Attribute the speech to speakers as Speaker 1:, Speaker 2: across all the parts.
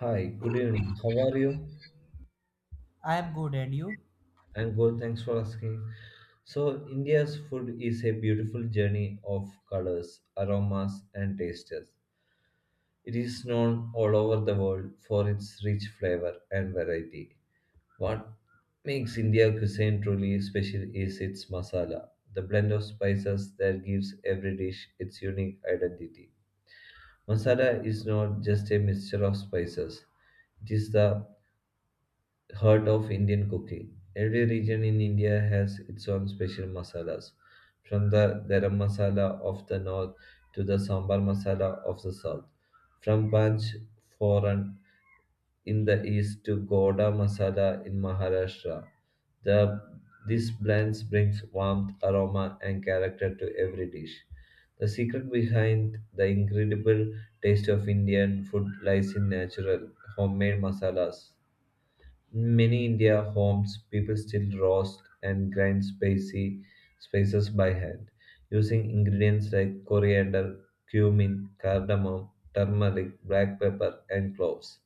Speaker 1: Hi, good evening. How are you?
Speaker 2: I'm good, and you?
Speaker 1: I'm good, thanks for asking. So, India's food is a beautiful journey of colors, aromas, and tastes. It is known all over the world for its rich flavor and variety. What makes India cuisine truly special is its masala, the blend of spices that gives every dish its unique identity. Masala is not just a mixture of spices, it is the heart of Indian cooking. Every region in India has its own special masalas, from the garam masala of the north to the sambar masala of the south, from panch foran in the east to goda masala in Maharashtra. The this blend brings warmth, aroma, and character to every dish. The secret behind the incredible taste of Indian food lies in natural, homemade masalas in many India homes, people still roast and grind spicy spices by hand, using ingredients like coriander, cumin, cardamom, turmeric, black pepper, and cloves.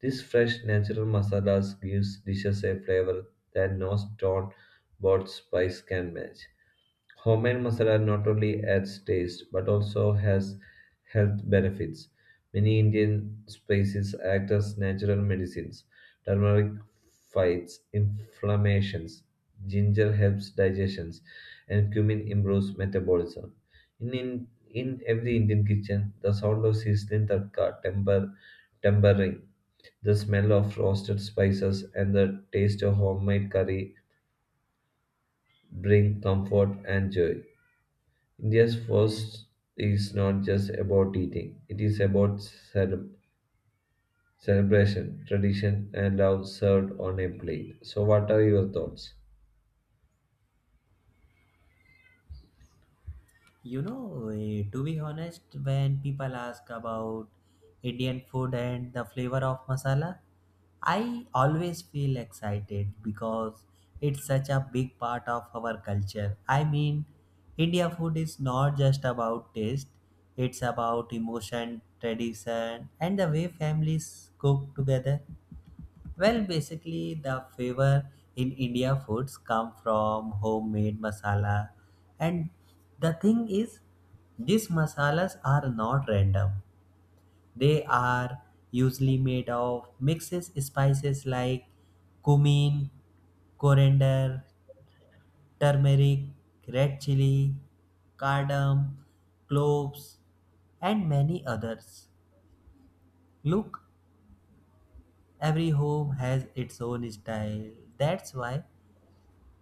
Speaker 1: These fresh natural masalas gives dishes a flavor that no store bought spice can match. Homemade masala not only adds taste but also has health benefits. Many Indian spices act as natural medicines. Turmeric fights inflammations, ginger helps digestions, and cumin improves metabolism. In every Indian kitchen, the sound of sizzling tadka, tempering, the smell of roasted spices, and the taste of homemade curry bring comfort and joy. India's first is not just about eating, it is about celebration, tradition, and love served on a plate. So, what are your thoughts?
Speaker 2: To be honest, when people ask about Indian food and the flavor of masala, I always feel excited because it's such a big part of our culture. I mean, India food is not just about taste, it's about emotion, tradition, and the way families cook together. Well, basically, the flavor in India foods come from homemade masala, and the thing is, these masalas are not random. They are usually made of mixes spices like cumin, coriander, turmeric, red chili, cardamom, cloves, and many others. Look, every home has its own style. That's why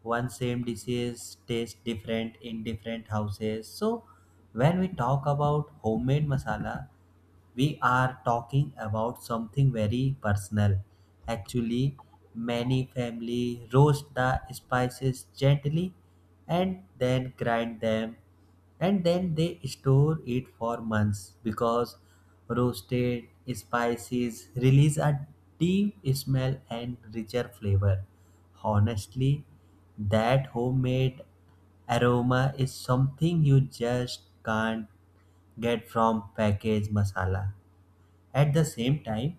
Speaker 2: one same dishes taste different in different houses. So when we talk about homemade masala, we are talking about something very personal. Actually, many family roast the spices gently and then grind them and then they store it for months because roasted spices release a deep smell and richer flavor. Honestly, that homemade aroma is something you just can't get from packaged masala. At the same time,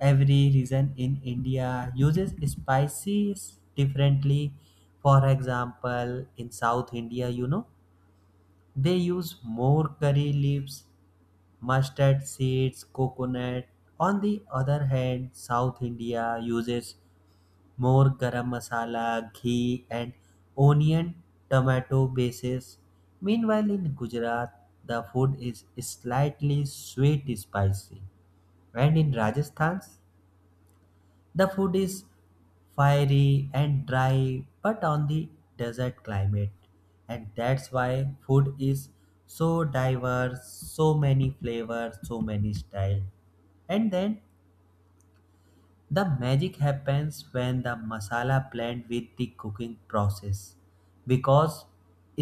Speaker 2: every region in India uses spices differently. For example, in South India, you know, they use more curry leaves, mustard seeds, coconut. On the other hand, South India uses more garam masala, ghee, and onion tomato bases. Meanwhile, in Gujarat, the food is slightly sweet spicy, and in Rajasthan, the food is fiery and dry but on the desert climate, and that's why food is so diverse, so many flavors, so many styles. And then the magic happens when the masala blend with the cooking process. Because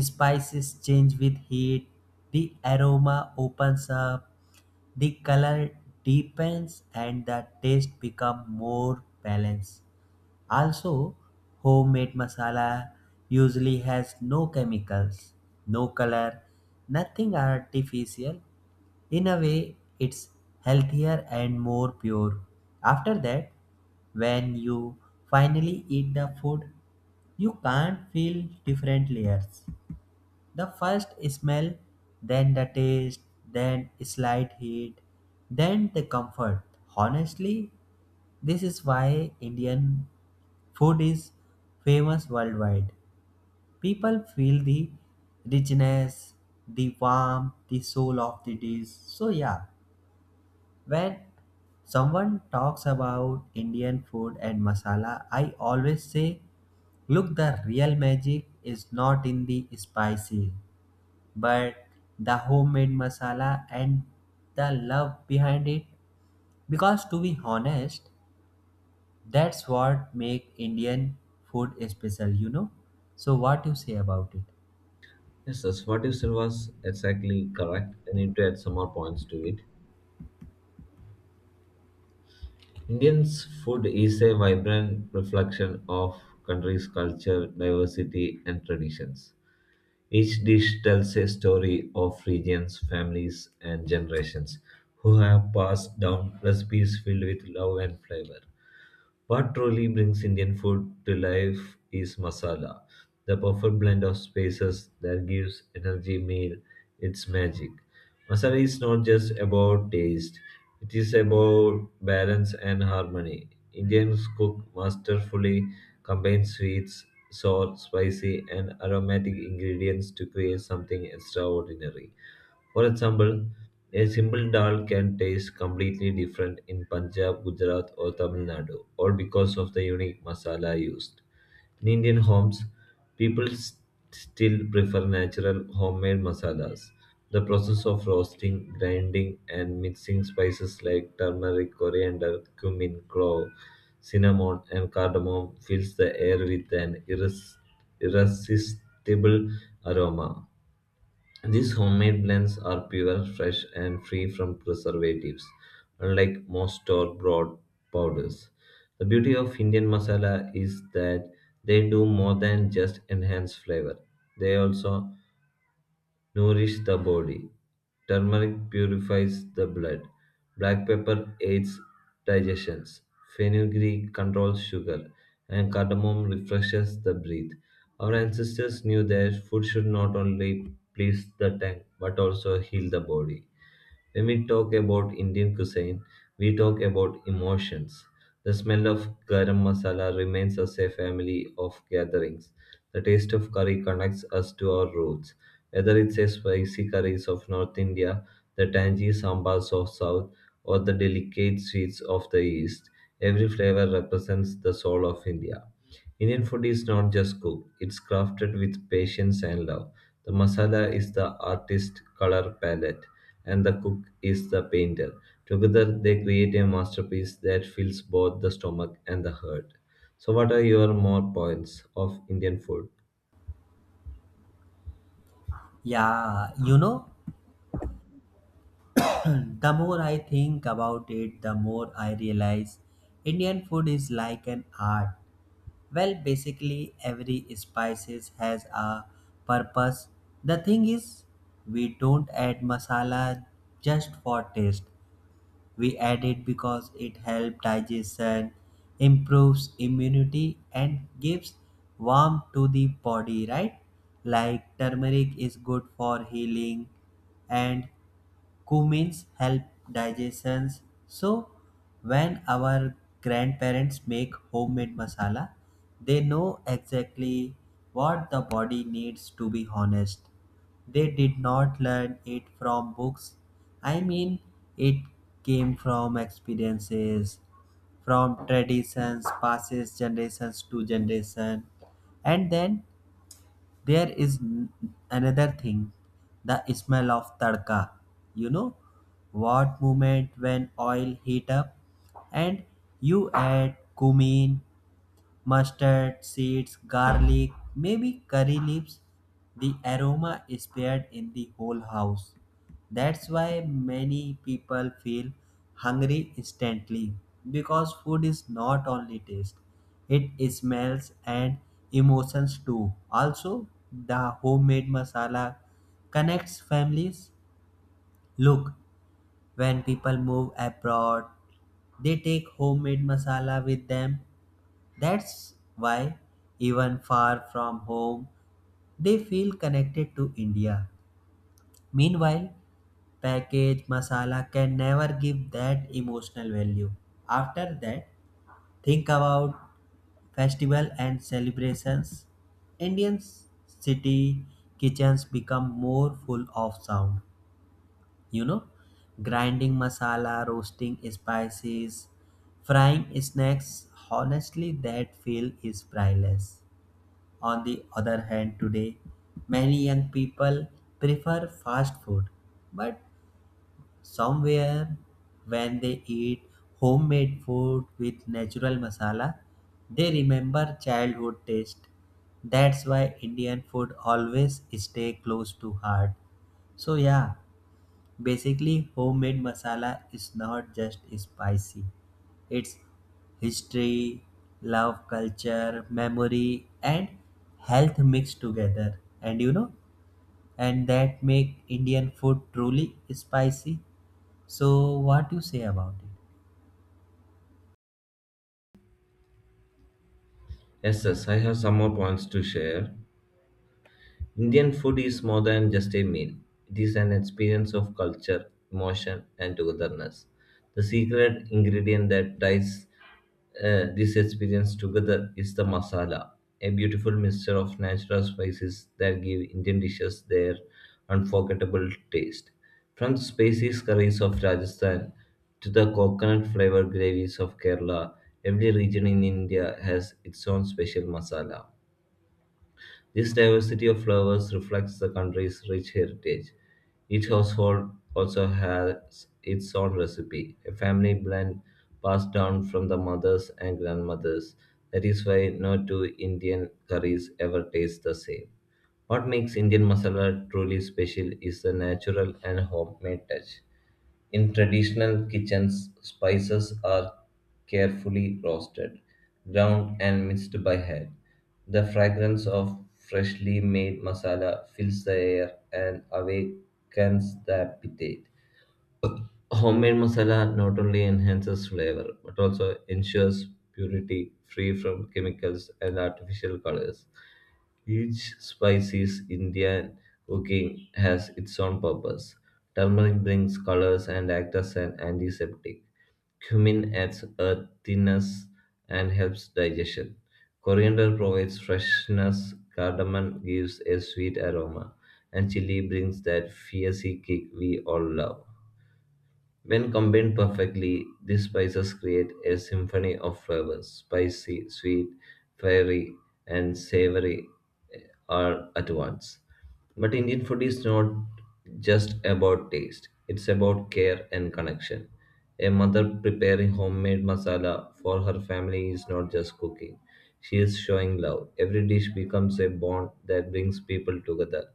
Speaker 2: spices change with heat, the aroma opens up, the color deepens and the taste become more balanced. Also, homemade masala usually has no chemicals, no color, nothing artificial. In a way, it's healthier and more pure. After that, when you finally eat the food, you can't feel different layers. The first smell, then the taste, then slight heat, then the comfort. Honestly, this is why Indian food is famous worldwide. People feel the richness, the warmth, the soul of the dish. So, yeah, when someone talks about Indian food and masala, I always say, look, the real magic is not in the spices but the homemade masala and the love behind it, because to be honest, that's what make Indian food special, you know. So what you say about it?
Speaker 1: Yes, that's what you said was exactly correct. I need to add some more points to it. Indian's food is a vibrant reflection of country's culture, diversity, and traditions. Each dish tells a story of regions, families, and generations who have passed down recipes filled with love and flavor. What truly brings Indian food to life is masala, the perfect blend of spices that gives energy meal its magic. Masala is not just about taste, it is about balance and harmony. Indians cook masterfully combine sweets, sour, spicy, and aromatic ingredients to create something extraordinary. For example, a simple dal can taste completely different in Punjab, Gujarat, or Tamil Nadu, all because of the unique masala used. In Indian homes, people still prefer natural homemade masalas. The process of roasting, grinding, and mixing spices like turmeric, coriander, cumin, clove, cinnamon, and cardamom fills the air with an irresistible aroma. These homemade blends are pure, fresh, and free from preservatives, unlike most store bought powders. The beauty of Indian masala is that they do more than just enhance flavor, they also nourish the body. Turmeric purifies the blood. Black pepper aids digestion. Fenugreek controls sugar, and cardamom refreshes the breath. Our ancestors knew that food should not only please the tongue but also heal the body. When we talk about Indian cuisine, we talk about emotions. The smell of garam masala reminds us a family of gatherings. The taste of curry connects us to our roots. Whether it's a spicy curries of North India, the tangy sambas of South, or the delicate sweets of the East, every flavor represents the soul of India. Indian food is not just cooked, it's crafted with patience and love. The masala is the artist's color palette, and the cook is the painter. Together, they create a masterpiece that fills both the stomach and the heart. So, what are your more points of Indian food?
Speaker 2: Yeah, you know, the more I think about it, the more I realize Indian food is like an art. Well, basically, every spices has a purpose. The thing is, we don't add masala just for taste. We add it because it helps digestion, improves immunity, and gives warmth to the body, right? Like turmeric is good for healing, and cumins help digestion. So when our grandparents make homemade masala, they know exactly what the body needs to be honest. They did not learn it from books. I mean, it came from experiences, from traditions, passes generations to generation. And then there is another thing, the smell of tadka, you know, what moment when oil heat up and you add cumin, mustard, seeds, garlic, maybe curry leaves. The aroma is spread in the whole house. That's why many people feel hungry instantly, because food is not only taste, it smells and emotions too. Also, the homemade masala connects families. Look, when people move abroad, they take homemade masala with them. That's why, even far from home, they feel connected to India. Meanwhile, packaged masala can never give that emotional value. After that, think about festival and celebrations. Indian city kitchens become more full of sound. You know, grinding masala, roasting spices, frying snacks. Honestly, that feel is priceless. On the other hand, today, many young people prefer fast food, but somewhere when they eat homemade food with natural masala, they remember childhood taste. That's why Indian food always stay close to heart. So yeah, basically, homemade masala is not just spicy, it's history, love, culture, memory, and health mixed together. And you know, and that make Indian food truly spicy. So, what do you say about it?
Speaker 1: Yes, yes, I have some more points to share. Indian food is more than just a meal, it is an experience of culture, emotion, and togetherness. The secret ingredient that ties this experience together is the masala, a beautiful mixture of natural spices that give Indian dishes their unforgettable taste. From the spicy curries of Rajasthan to the coconut flavored gravies of Kerala, every region in India has its own special masala. This diversity of flowers reflects the country's rich heritage. Each household also has its own recipe, a family blend passed down from the mothers and grandmothers. That is why no two Indian curries ever taste the same. What makes Indian masala truly special is the natural and homemade touch. In traditional kitchens, spices are carefully roasted, ground, and mixed by hand. The fragrance of freshly made masala fills the air and awakens the appetite. Homemade masala not only enhances flavor but also ensures purity free from chemicals and artificial colors. Each spice's Indian cooking has its own purpose. Turmeric brings colors and acts as an antiseptic. Cumin adds earthiness and helps digestion. Coriander provides freshness. Cardamom gives a sweet aroma. And chili brings that fiery kick we all love. When combined perfectly, these spices create a symphony of flavors spicy, sweet, fiery, and savory eh, all at once. But Indian food is not just about taste, it's about care and connection. A mother preparing homemade masala for her family is not just cooking, she is showing love. Every dish becomes a bond that brings people together,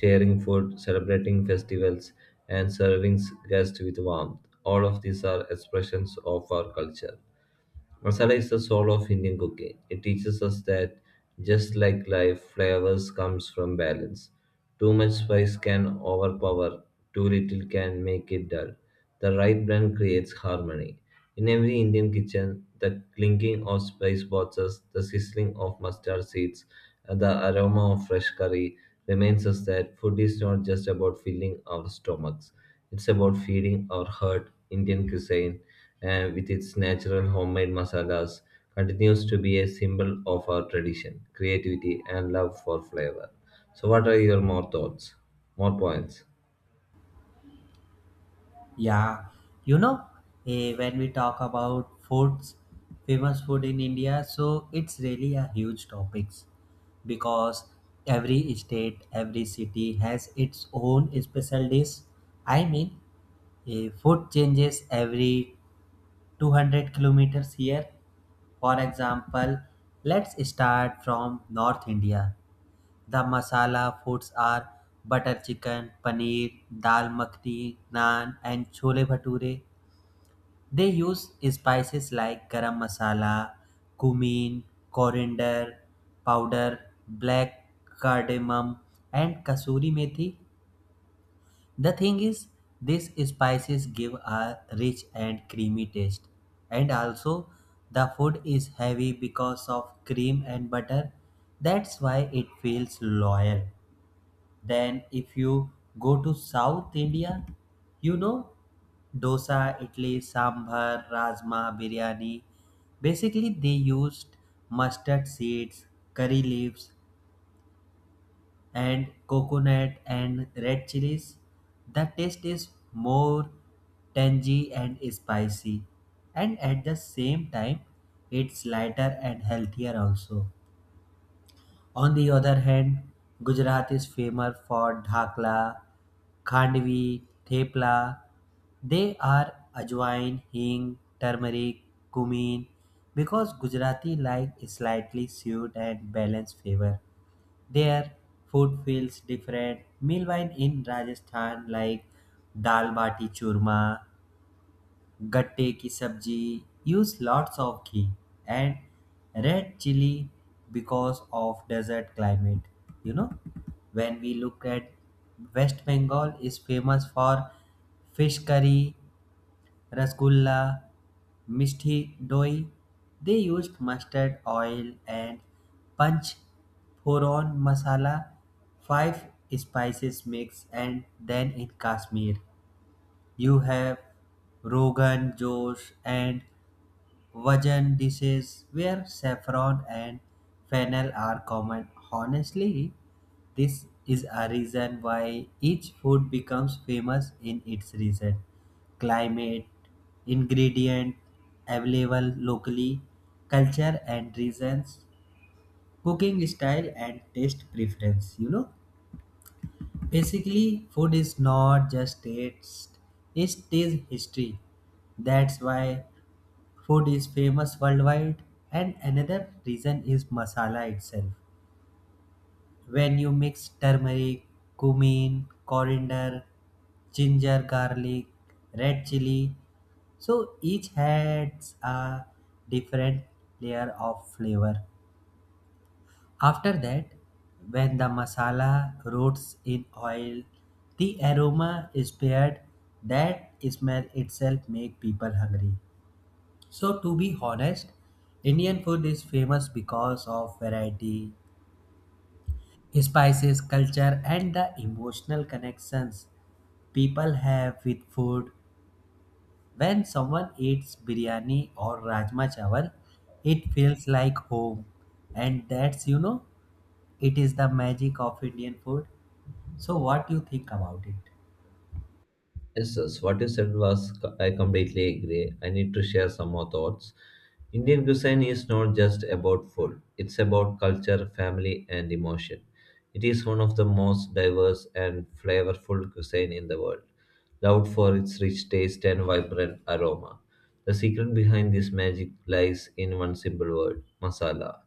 Speaker 1: sharing food, celebrating festivals, and serving guests with warmth. All of these are expressions of our culture. Masala is the soul of Indian cooking. It teaches us that just like life, flavors comes from balance. Too much spice can overpower, too little can make it dull. The right blend creates harmony. In every Indian kitchen, the clinking of spice boxes, the sizzling of mustard seeds, and the aroma of fresh curry reminds us that food is not just about filling our stomachs. It's about feeding our heart. Indian cuisine, with its natural homemade masalas, continues to be a symbol of our tradition, creativity, and love for flavor. So, what are your more thoughts? More points?
Speaker 2: Yeah, you know, when we talk about foods, famous food in India, so it's really a huge topics, because every state, every city has its own special dish. I mean, food changes every 200 kilometers here. For example, let's start from North India. The masala foods are butter chicken, paneer, dal makhni, naan, and chole bhature. They use spices like garam masala, cumin, coriander powder, black cardamom, and kasuri methi. The thing is, these spices give a rich and creamy taste, and also the food is heavy because of cream and butter. That's why it feels loyal. Then if you go to South India, you know, dosa, idli, sambar, rajma, biryani. Basically, they used mustard seeds, curry leaves, and coconut and red chilies. The taste is more tangy and spicy, and at the same time, it's lighter and healthier also. On the other hand, Gujarat is famous for dhakla, khandvi, thepla. They are ajwain, hing, turmeric, cumin. Because Gujarati like slightly sweet and balanced flavor. Their food feels different. Meanwhile, in Rajasthan, like dal bati churma, गट्टे की सब्जी, use lots of ghee and red chili because of desert climate. You know, when we look at West Bengal, is famous for fish curry, rasgulla, misti, doi. They used mustard oil and punch foron masala, five spices mix. And then in Kashmir you have Rogan Josh and Vajan dishes where saffron and fennel are common. Honestly, this is a reason why each food becomes famous in its region. Climate, ingredient available locally, culture and reasons, cooking style and taste preference, you know. Basically, food is not just taste, it is history. That's why food is famous worldwide. And another reason is masala itself. When you mix turmeric, cumin, coriander, ginger, garlic, red chili, so each adds a different layer of flavor. After that, when the masala rots in oil, the aroma is paired. That smell itself make people hungry. So to be honest, Indian food is famous because of variety, spices, culture, and the emotional connections people have with food. When someone eats biryani or rajma chawal, it feels like home, and that's, you know, it is the magic of Indian food. So what do you think about it?
Speaker 1: Yes, yes, what you said was, I completely agree. I need to share some more thoughts. Indian cuisine is not just about food, it's about culture, family, and emotion. It is one of the most diverse and flavorful cuisine in the world, loved for its rich taste and vibrant aroma. The secret behind this magic lies in one simple word masala.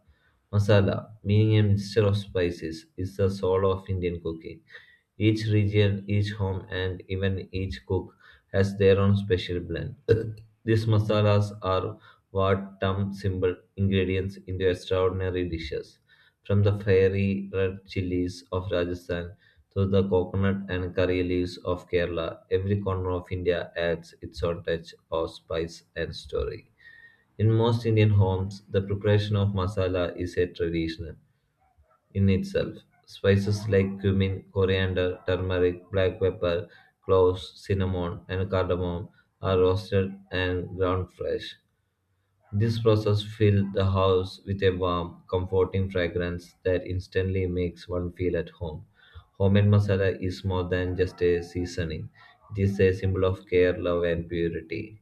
Speaker 1: Masala, meaning a mixture of spices, is the soul of Indian cooking. Each region, each home, and even each cook has their own special blend. These masalas are what turn simple ingredients into extraordinary dishes. From the fiery red chilies of Rajasthan to the coconut and curry leaves of Kerala, every corner of India adds its own touch of spice and story. In most Indian homes, the preparation of masala is a tradition in itself. Spices like cumin, coriander, turmeric, black pepper, cloves, cinnamon, and cardamom are roasted and ground fresh. This process fills the house with a warm, comforting fragrance that instantly makes one feel at home. Homemade masala is more than just a seasoning. It is a symbol of care, love, and purity.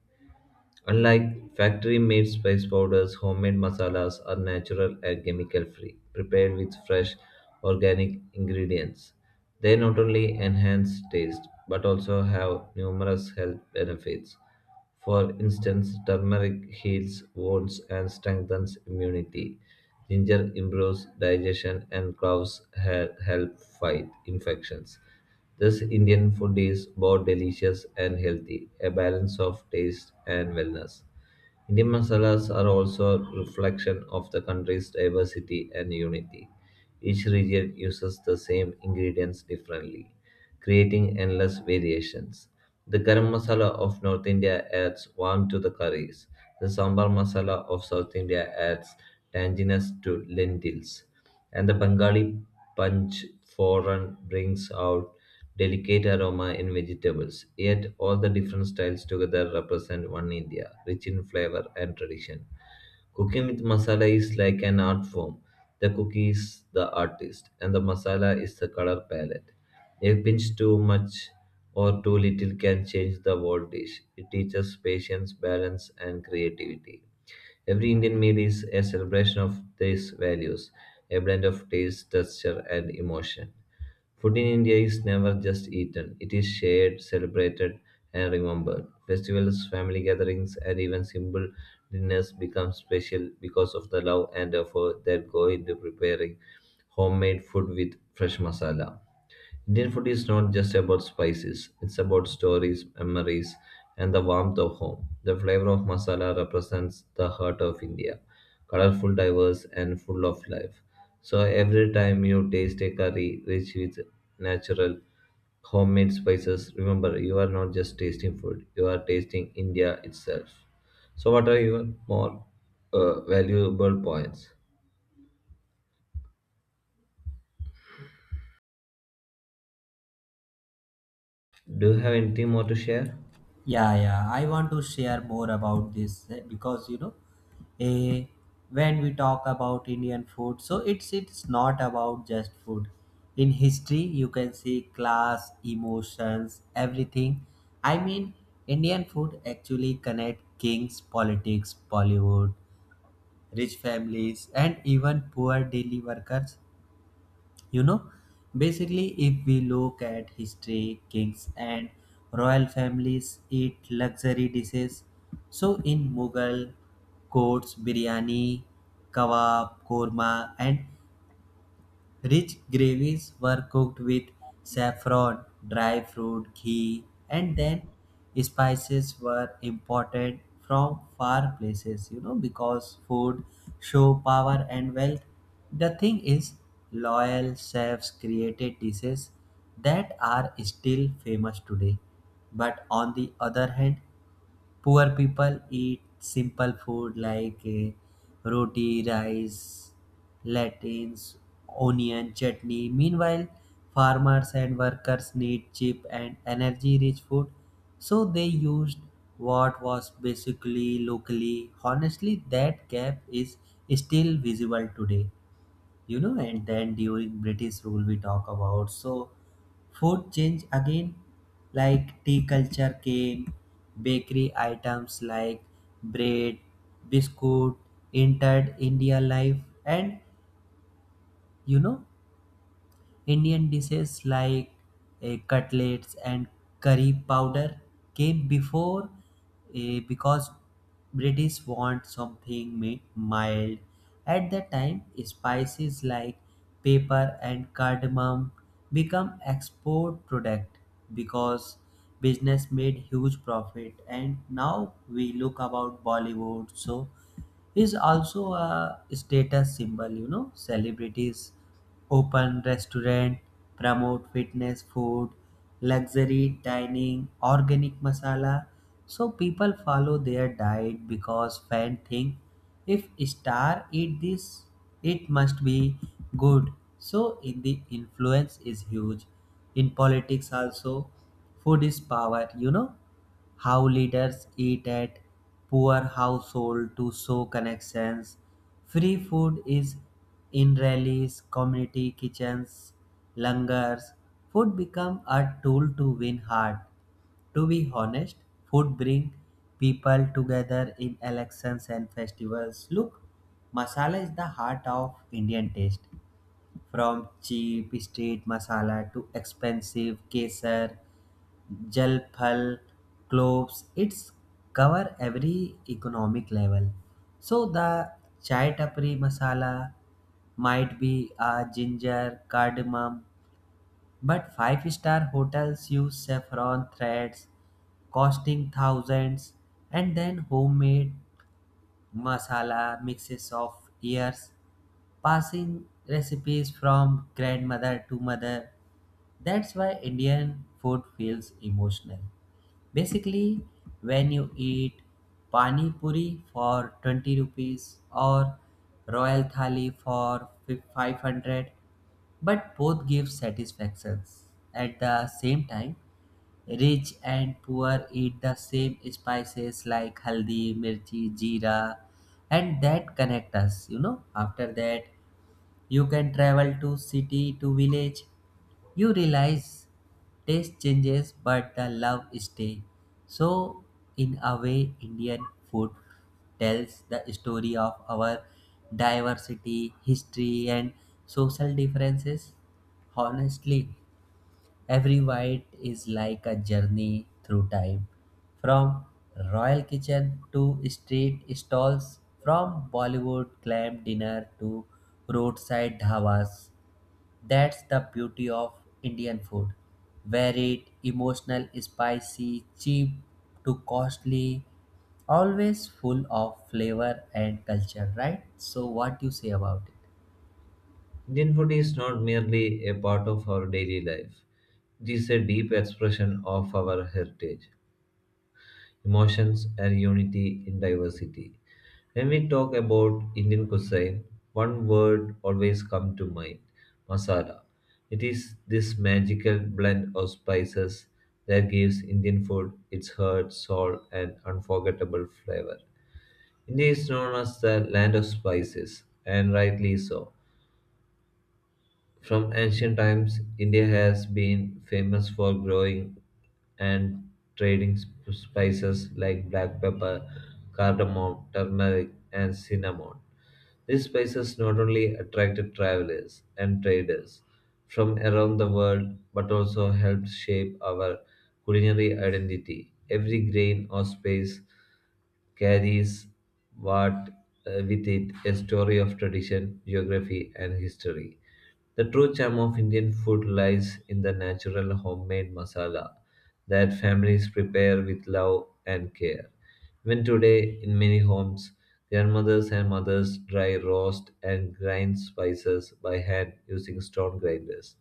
Speaker 1: Unlike factory-made spice powders, homemade masalas are natural and chemical-free, prepared with fresh organic ingredients. They not only enhance taste but also have numerous health benefits. For instance, turmeric heals wounds and strengthens immunity. Ginger improves digestion and cloves help fight infections. This Indian food is both delicious and healthy, a balance of taste and wellness. Indian masalas are also a reflection of the country's diversity and unity. Each region uses the same ingredients differently, creating endless variations. The garam masala of North India adds warmth to the curries. The sambar masala of South India adds tanginess to lentils and the Bengali punch foran brings out delicate aroma in vegetables. Yet all the different styles together represent one India, rich in flavor and tradition. Cooking with masala is like an art form. The cookie is the artist, and the masala is the color palette. A pinch too much or too little can change the whole dish. It teaches patience, balance, and creativity. Every Indian meal is a celebration of these values, a blend of taste, texture, and emotion. Food in India is never just eaten, it is shared, celebrated, and remembered. Festivals, family gatherings, and even simple dinners become special because of the love and effort that go into preparing homemade food with fresh masala. Indian food is not just about spices, it's about stories, memories, and the warmth of home. The flavor of masala represents the heart of India, colorful, diverse, and full of life. So every time you taste a curry rich with natural homemade spices, remember you are not just tasting food, you are tasting India itself. So, what are your more valuable points? Do you have anything more to share?
Speaker 2: Yeah, yeah. I want to share more about this, because you know, a when we talk about Indian food, so it's not about just food. In history, you can see class, emotions, everything. I mean, Indian food actually connect kings, politics, Bollywood, rich families, and even poor daily workers. You know, basically if we look at history, kings and royal families eat luxury dishes. So in mughal courts, biryani, kebab, korma, and rich gravies were cooked with saffron, dry fruit, ghee, and then spices were imported from far places, you know, because food show power and wealth. The thing is, loyal chefs created dishes that are still famous today. But on the other hand, poor people eat simple food like roti, rice, lentils, onion, chutney. Meanwhile, farmers and workers need cheap and energy-rich food, so they used what was basically locally. Honestly, that gap is still visible today. You know, and then during British rule we talk about, so food change again, like tea culture came, bakery items like bread, biscuit, entered India life. And you know, Indian dishes like cutlets and curry powder came before, because British want something mild. At the time, spices like pepper and cardamom become export product, because business made huge profit. And now we look about Bollywood, so is also a status symbol, you know, celebrities open restaurant, promote fitness food, luxury dining, organic masala. So people follow their diet because fan think, if star eat this, it must be good. So in the influence is huge. In politics also, food is power, you know, how leaders eat at poor household to show connections. Free food is in rallies, community kitchens, langars. Food become a tool to win heart. To be honest, food bring people together in elections and festivals. Look, masala is the heart of Indian taste. From cheap street masala to expensive kesar, gel pal, cloves, it's cover every economic level. So the chai tapri masala might be a ginger cardamom, but five-star hotels use saffron threads costing thousands. And then homemade masala mixes of years, passing recipes from grandmother to mother. That's why Indian food feels emotional. Basically, when you eat pani puri for 20 rupees or royal thali for 500, but both give satisfactions. At the same time, rich and poor eat the same spices like haldi, mirchi, jeera, and that connect us, you know. After that, you can travel to city to village, you realize taste changes but the love stays. So in a way, Indian food tells the story of our diversity, history and social differences. Honestly, every bite is like a journey through time, from royal kitchen to street stalls, from Bollywood clam dinner to roadside dhabas. That's the beauty of Indian food. Varied, emotional, spicy, cheap to costly, always full of flavor and culture, right? So what do you say about it?
Speaker 1: Indian food is not merely a part of our daily life, it is a deep expression of our heritage, emotions, and unity in diversity. When we talk about Indian cuisine, one word always comes to mind masala. It is this magical blend of spices that gives Indian food its heart, soul, and unforgettable flavor. India is known as the land of spices, and rightly so. From ancient times, India has been famous for growing and trading spices like black pepper, cardamom, turmeric, and cinnamon. These spices not only attracted travelers and traders from around the world but also helped shape our culinary identity. Every grain or spice carries what with it a story of tradition, geography, and history. The true charm of Indian food lies in the natural homemade masala that families prepare with love and care. Even today, in many homes, grandmothers and mothers dry roast and grind spices by hand using stone grinders.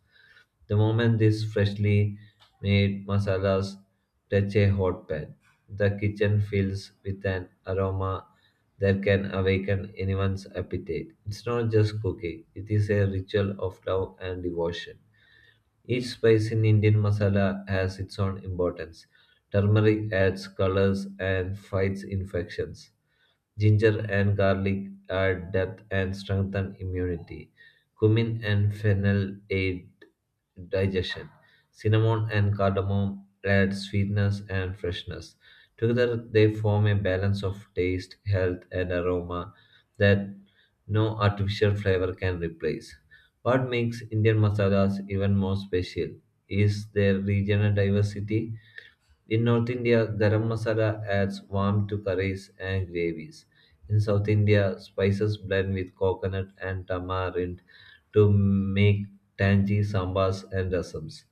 Speaker 1: The moment these freshly made masalas touch a hot pan, the kitchen fills with an aroma that can awaken anyone's appetite. It's not just cooking, it is a ritual of love and devotion. Each spice in Indian masala has its own importance. Turmeric adds colors and fights infections. Ginger and garlic add depth and strengthen immunity. Cumin and fennel aid digestion. Cinnamon and cardamom add sweetness and freshness. Together, they form a balance of taste, health, and aroma that no artificial flavor can replace. What makes Indian masalas even more special is their regional diversity. In North India, garam masala adds warmth to curries and gravies. In South India, spices blend with coconut and tamarind to make tangy sambas and rasams.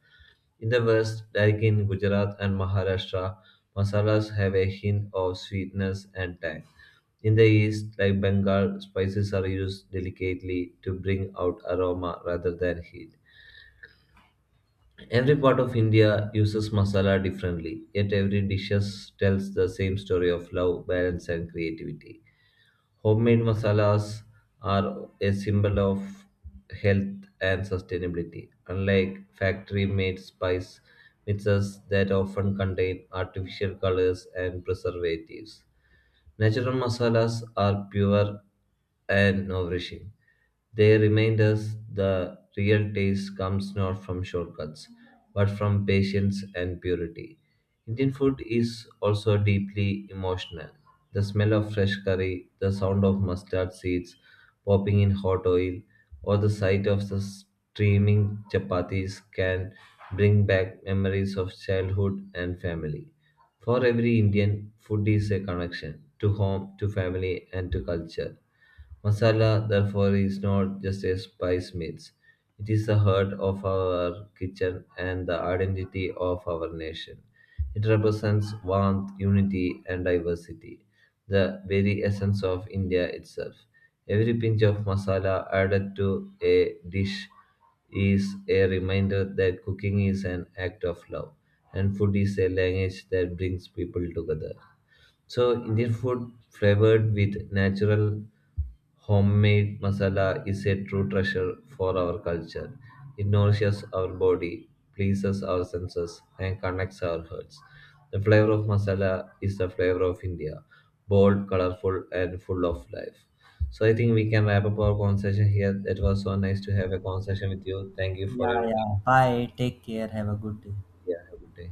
Speaker 1: In the West, like in Gujarat and Maharashtra, masalas have a hint of sweetness and tang. In the East, like Bengal, spices are used delicately to bring out aroma rather than heat. Every part of India uses masala differently, yet every dish tells the same story of love, balance, and creativity. Homemade masalas are a symbol of health and sustainability, unlike factory made spice mixes that often contain artificial colors and preservatives. Natural masalas are pure and nourishing. They remind us the real taste comes not from shortcuts, but from patience and purity. Indian food is also deeply emotional. The smell of fresh curry, the sound of mustard seeds popping in hot oil, or the sight of the steaming chapatis can bring back memories of childhood and family. For every Indian, food is a connection to home, to family, and to culture. Masala, therefore, is not just a spice mix. It is the heart of our kitchen and the identity of our nation. It represents warmth, unity, and diversity, the very essence of India itself. Every pinch of masala added to a dish is a reminder that cooking is an act of love and food is a language that brings people together. So Indian food flavored with natural homemade masala is a true treasure for our culture. It nourishes our body, pleases our senses, and connects our hearts. The flavor of masala is the flavor of India, bold, colorful, and full of life. So I think we can wrap up our conversation here. It was so nice to have a conversation with you. Thank you for
Speaker 2: Yeah,
Speaker 1: your time.
Speaker 2: yeah. Bye. Take care. Have a good day.
Speaker 1: Yeah, have a good day.